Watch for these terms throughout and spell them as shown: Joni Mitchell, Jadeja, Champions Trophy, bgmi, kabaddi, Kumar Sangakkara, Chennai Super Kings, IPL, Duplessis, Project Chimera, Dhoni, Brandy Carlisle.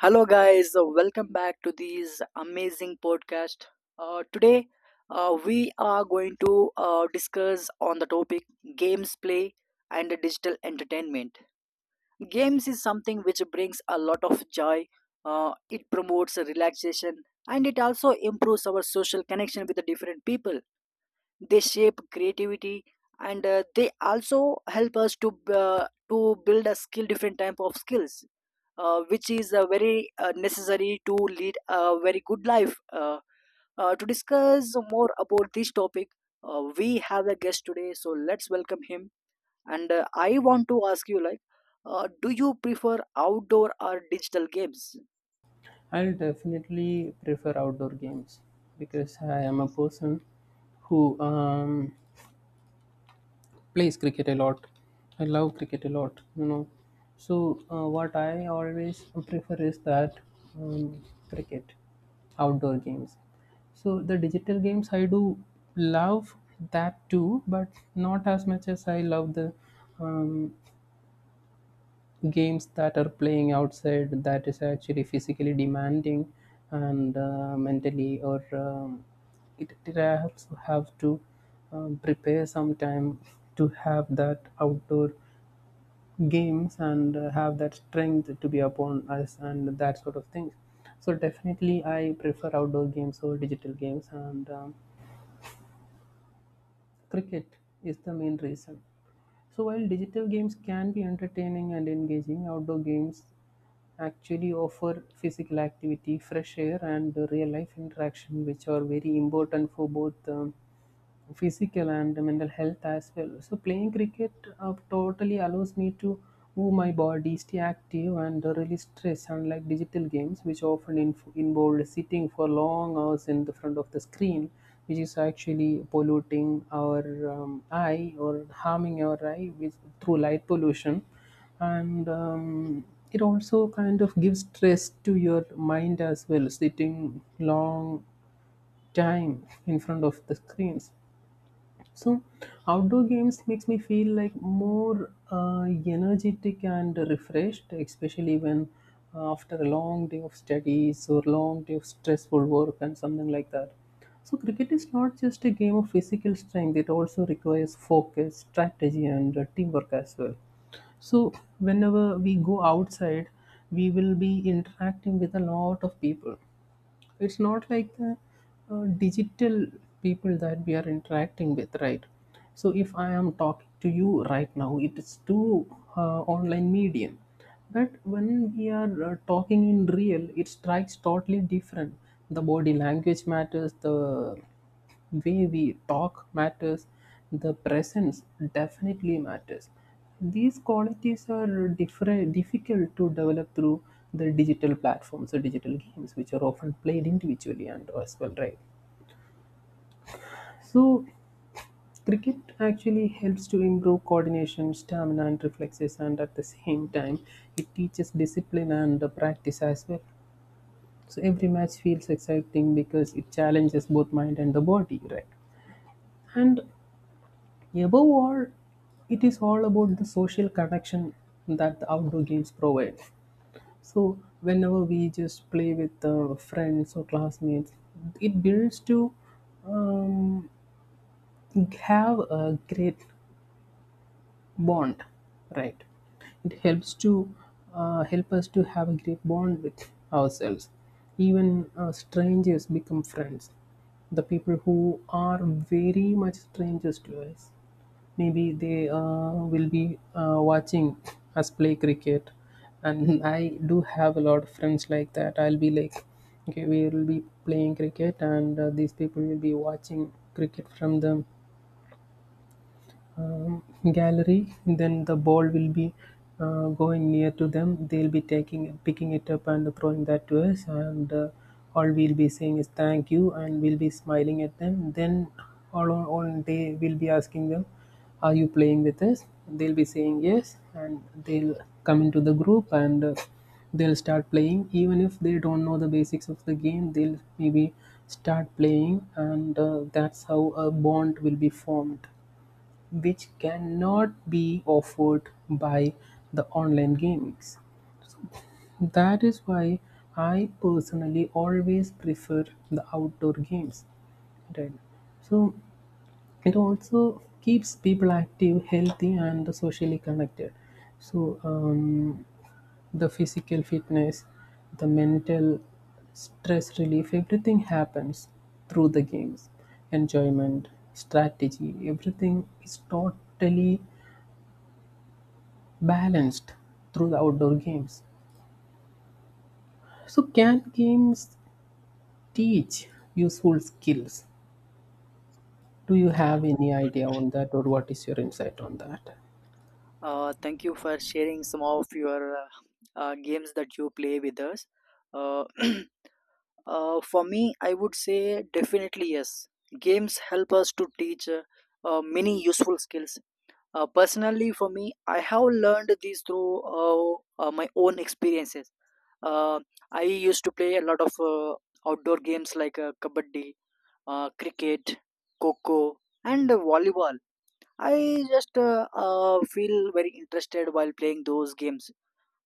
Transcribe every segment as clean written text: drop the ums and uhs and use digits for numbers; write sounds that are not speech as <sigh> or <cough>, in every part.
Hello, guys. Welcome back to this amazing podcast. Today, we are going to discuss on the topic games play and digital entertainment. Games is something which brings a lot of joy. It promotes relaxation, and it also improves our social connection with the different people. They shape creativity, and they also help us to build a skill, different type of skills, which is very necessary to lead a very good life. To discuss more about this topic, we have a guest today, so let's welcome him. And I want to ask you, like, do you prefer outdoor or digital games? I'll definitely prefer outdoor games because I am a person who plays cricket a lot. I love cricket a lot, you know. So, what I always prefer is that um, cricket, outdoor games. So, the digital games I do love that too, but not as much as I love the um, games that are playing outside that is actually physically demanding and mentally or it also have to prepare some time to have that outdoor games and have that strength to be upon us and that sort of thing. So definitely I prefer outdoor games or digital games, and cricket is the main reason. So while digital games can be entertaining and engaging, outdoor games actually offer physical activity, fresh air, and real life interaction, which are very important for both physical and mental health as well. So, playing cricket totally allows me to move my body, stay active, and release stress, unlike digital games, which often involve sitting for long hours in the front of the screen. Which is actually polluting our eye or harming our eye with, through light pollution, and it also kind of gives stress to your mind as well, sitting long time in front of the screens. So outdoor games makes me feel like more energetic and refreshed, especially when after a long day of studies or long day of stressful work and something like that. So cricket is not just a game of physical strength, it also requires focus, strategy, and teamwork as well. So, whenever we go outside, we will be interacting with a lot of people. It's not like the digital people that we are interacting with, right? So, if I am talking to you right now, it is through online medium. But when we are talking in real, it strikes totally different. The body language matters, the way we talk matters, the presence definitely matters. These qualities are different difficult to develop through the digital platforms or digital games, which are often played individually and as well, right? So cricket actually helps to improve coordination, stamina, and reflexes, and at the same time it teaches discipline and the practice as well. So every match feels exciting because it challenges both mind and the body, right? And above all, it is all about the social connection that the outdoor games provide. So, whenever we just play with friends or classmates, it builds to um, have a great bond, right? It helps to help us to have a great bond with ourselves. Even strangers become friends. The people who are very much strangers to us, maybe they will be watching us play cricket. And I do have a lot of friends like that. I'll be like, okay, we will be playing cricket, and these people will be watching cricket from the um, gallery. Then the ball will be going near to them, they'll be taking picking it up and throwing that to us, and all we'll be saying is thank you and we'll be smiling at them. Then all on all day we'll be asking them, are you playing with us? They'll be saying yes, and they'll come into the group, and they'll start playing even if they don't know the basics of the game. They'll maybe start playing, and that's how a bond will be formed, which cannot be offered by the online games. That is why I personally always prefer the outdoor games. Right. So it also keeps people active, healthy, and socially connected. So the physical fitness, the mental stress relief, everything happens through the games. Enjoyment, strategy, everything is totally balanced through the outdoor games. So, can games teach useful skills? Do you have any idea on that, or what is your insight on that? Thank you for sharing some of your games that you play with us. uh, <clears throat> for me, I would say definitely yes. Games help us to teach many useful skills. Personally, for me, I have learned these through my own experiences. Uh, I used to play a lot of outdoor games like kabaddi, cricket, coco, and volleyball. I just feel very interested while playing those games,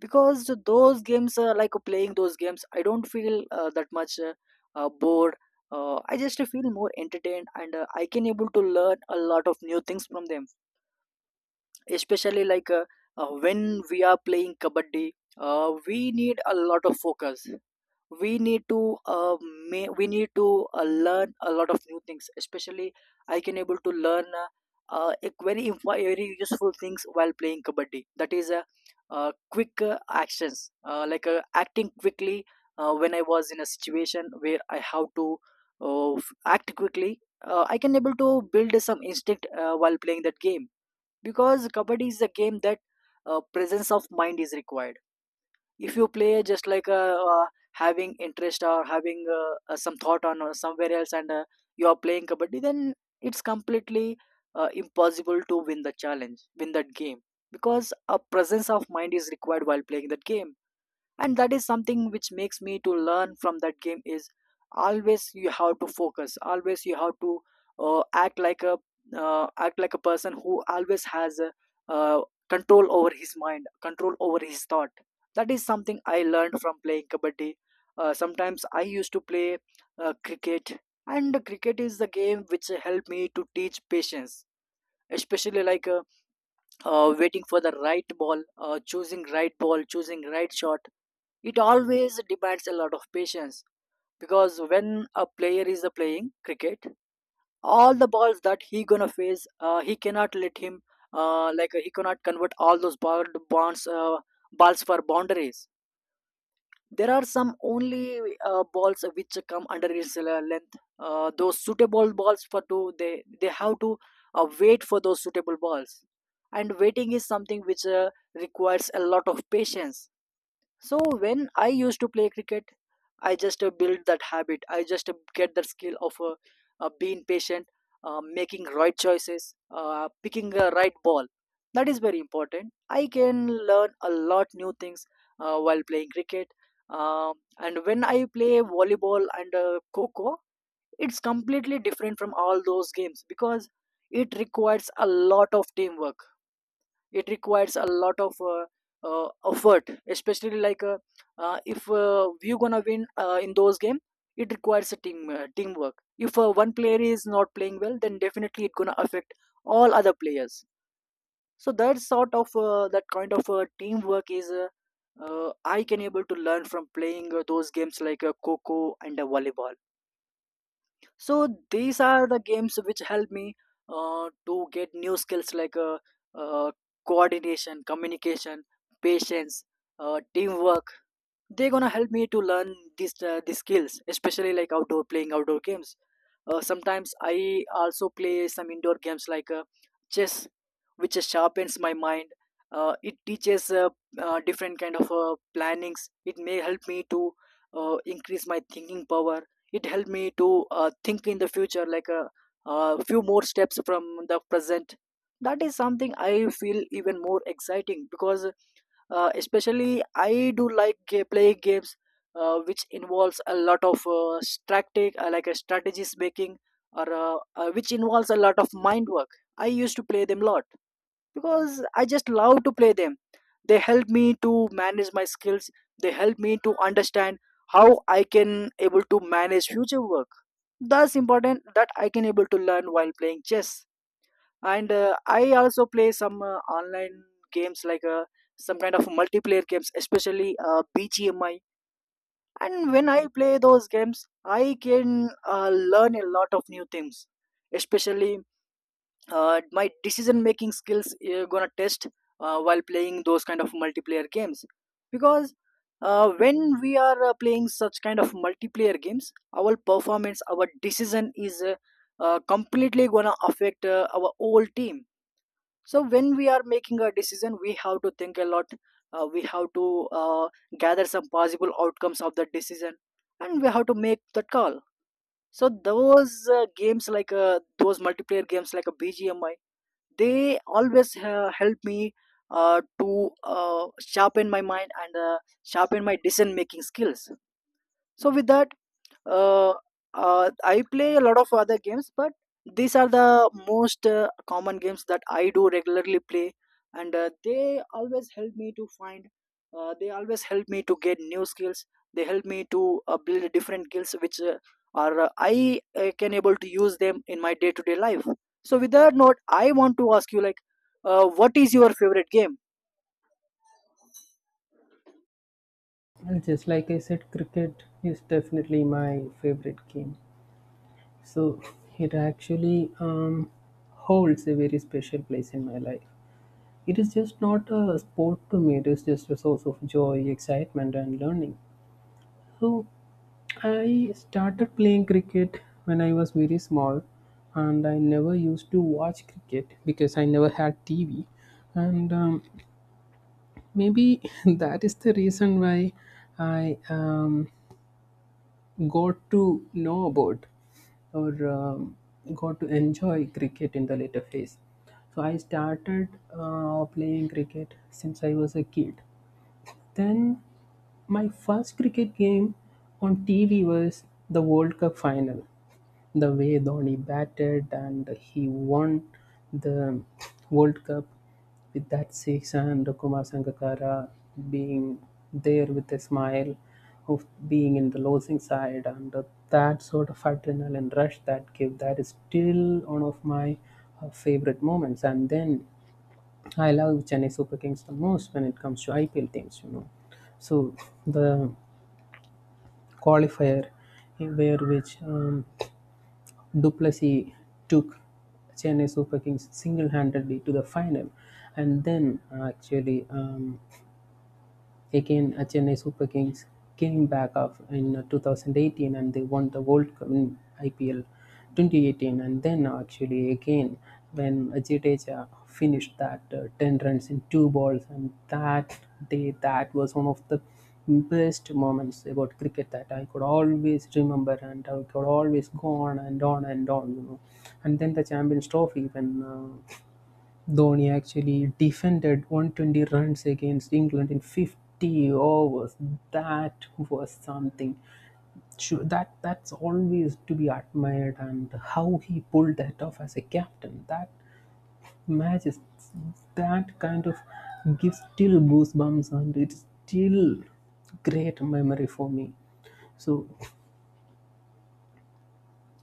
because those games like playing those games, I don't feel that much bored. I just feel more entertained, and I can able to learn a lot of new things from them, especially like when we are playing kabaddi. We need a lot of focus. We need to we need to learn a lot of new things. Especially I can able to learn a very very useful things while playing kabaddi, that is quick actions, like acting quickly. When I was in a situation where I have to act quickly, I can able to build some instinct while playing that game, because kabaddi is a game that presence of mind is required. If you play just like having interest or having some thought on somewhere else, and you are playing kabaddi, then it's completely impossible to win the challenge, win that game, because a presence of mind is required while playing that game. And that is something which makes me to learn from that game is always you have to focus, always you have to uh, act like a act like a person who always has a, uh, control over his mind, control over his thought. That is something I learned from playing kabaddi. Sometimes I used to play cricket, and cricket is the game which helped me to teach patience, especially like waiting for the right ball, choosing right ball, choosing right shot. It always demands a lot of patience, because when a player is playing cricket, all the balls that he gonna face, he cannot let him like he cannot convert all those ball bonds, balls for boundaries. There are some only balls which come under its length. Those suitable balls for two, they have to wait for those suitable balls, and waiting is something which requires a lot of patience. So when I used to play cricket, I just built that habit. I just get that skill of being patient, making right choices, picking the right ball. That is very important. I can learn a lot new things while playing cricket. And when I play volleyball and coco, it's completely different from all those games, because it requires a lot of teamwork. It requires a lot of effort, especially like if we gonna win in those game, it requires a teamwork. If one player is not playing well, then definitely it gonna affect all other players. So that sort of that kind of teamwork is I can able to learn from playing those games like coco and volleyball. So these are the games which help me to get new skills like uh, coordination, communication, patience, teamwork. They're gonna help me to learn these skills, especially like outdoor, playing outdoor games. Sometimes I also play some indoor games like chess, which sharpens my mind. It teaches different kind of plannings. It may help me to increase my thinking power. It helped me to think in the future, like a few more steps from the present. That is something I feel even more exciting, because especially I do like playing games which involves a lot of strategic like a strategies making, or which involves a lot of mind work. I used to play them lot because I just love to play them. They help me to manage my skills. They help me to understand how I can able to manage future work. That's important, that I can able to learn while playing chess. And I also play some online games like some kind of multiplayer games, especially BGMI. And when I play those games, I can learn a lot of new things, especially my decision making skills gonna test while playing those kind of multiplayer games, because when we are playing such kind of multiplayer games, our performance, our decision is completely gonna affect our whole team. So when we are making a decision, we have to think a lot. We have to gather some possible outcomes of the decision, and we have to make that call. So those games like those multiplayer games like a BGMI, they always help me to sharpen my mind and sharpen my decision making skills. So with that, uh, I play a lot of other games, but these are the most common games that I do regularly play, and they always help me to find. They always help me to get new skills. They help me to build different skills which are I can able to use them in my day to day life. So with that note, I want to ask you, like, what is your favorite game? Well, just like I said, cricket is definitely my favorite game. So, <laughs> it actually holds a very special place in my life. It is just not a sport to me, it is just a source of joy, excitement, and learning. So I started playing cricket when I was very small, and I never used to watch cricket because I never had TV, and maybe <laughs> that is the reason why I got to know about or got to enjoy cricket in the later phase. So I started playing cricket since I was a kid, then my first cricket game on TV was the World Cup final. The way Dhoni batted and he won the World Cup with that six, and Kumar Sangakkara being there with a smile of being in the losing side, and that sort of adrenaline rush that gave, that is still one of my favorite moments. And then I love Chennai Super Kings the most when it comes to IPL teams, you know. So the qualifier where which Duplessis took Chennai Super Kings single-handedly to the final, and then Chennai Super Kings came back up in 2018 and they won the World Cup in IPL 2018. And then, actually, again, when Jadeja finished that 10 runs in two balls, and that day, that was one of the best moments about cricket that I could always remember, and I could always go on and on and on, you know. And then the Champions Trophy when Dhoni actually defended 120 runs against England in 50 overs. That was something. Sure, that that's always to be admired, and how he pulled that off as a captain. That matches, that kind of gives still goosebumps, and it's still great memory for me. So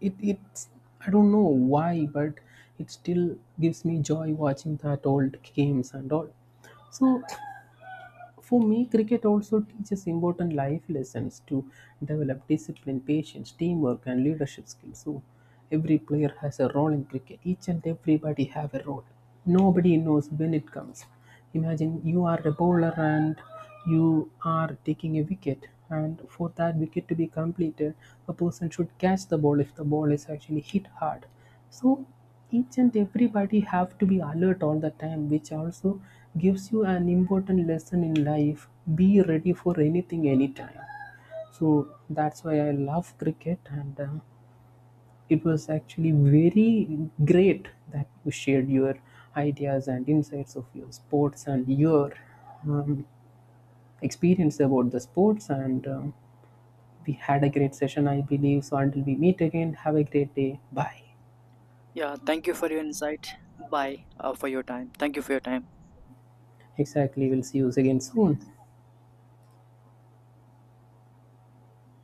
it's I don't know why, but it still gives me joy watching that old games and all. So for me, cricket also teaches important life lessons to develop discipline, patience, teamwork, and leadership skills. So, every player has a role in cricket. Each and everybody have a role. Nobody knows when it comes. Imagine you are a bowler and you are taking a wicket, and for that wicket to be completed, a person should catch the ball if the ball is actually hit hard. So each and everybody have to be alert all the time, which also gives you an important lesson in life: be ready for anything anytime. So that's why I love cricket, and it was actually very great that you shared your ideas and insights of your sports and your um, experience about the sports, and we had a great session, I believe. So until we meet again, have a great day, bye. Yeah, thank you for your insight. Bye, for your time. Thank you for your time. Exactly. We'll see you again soon.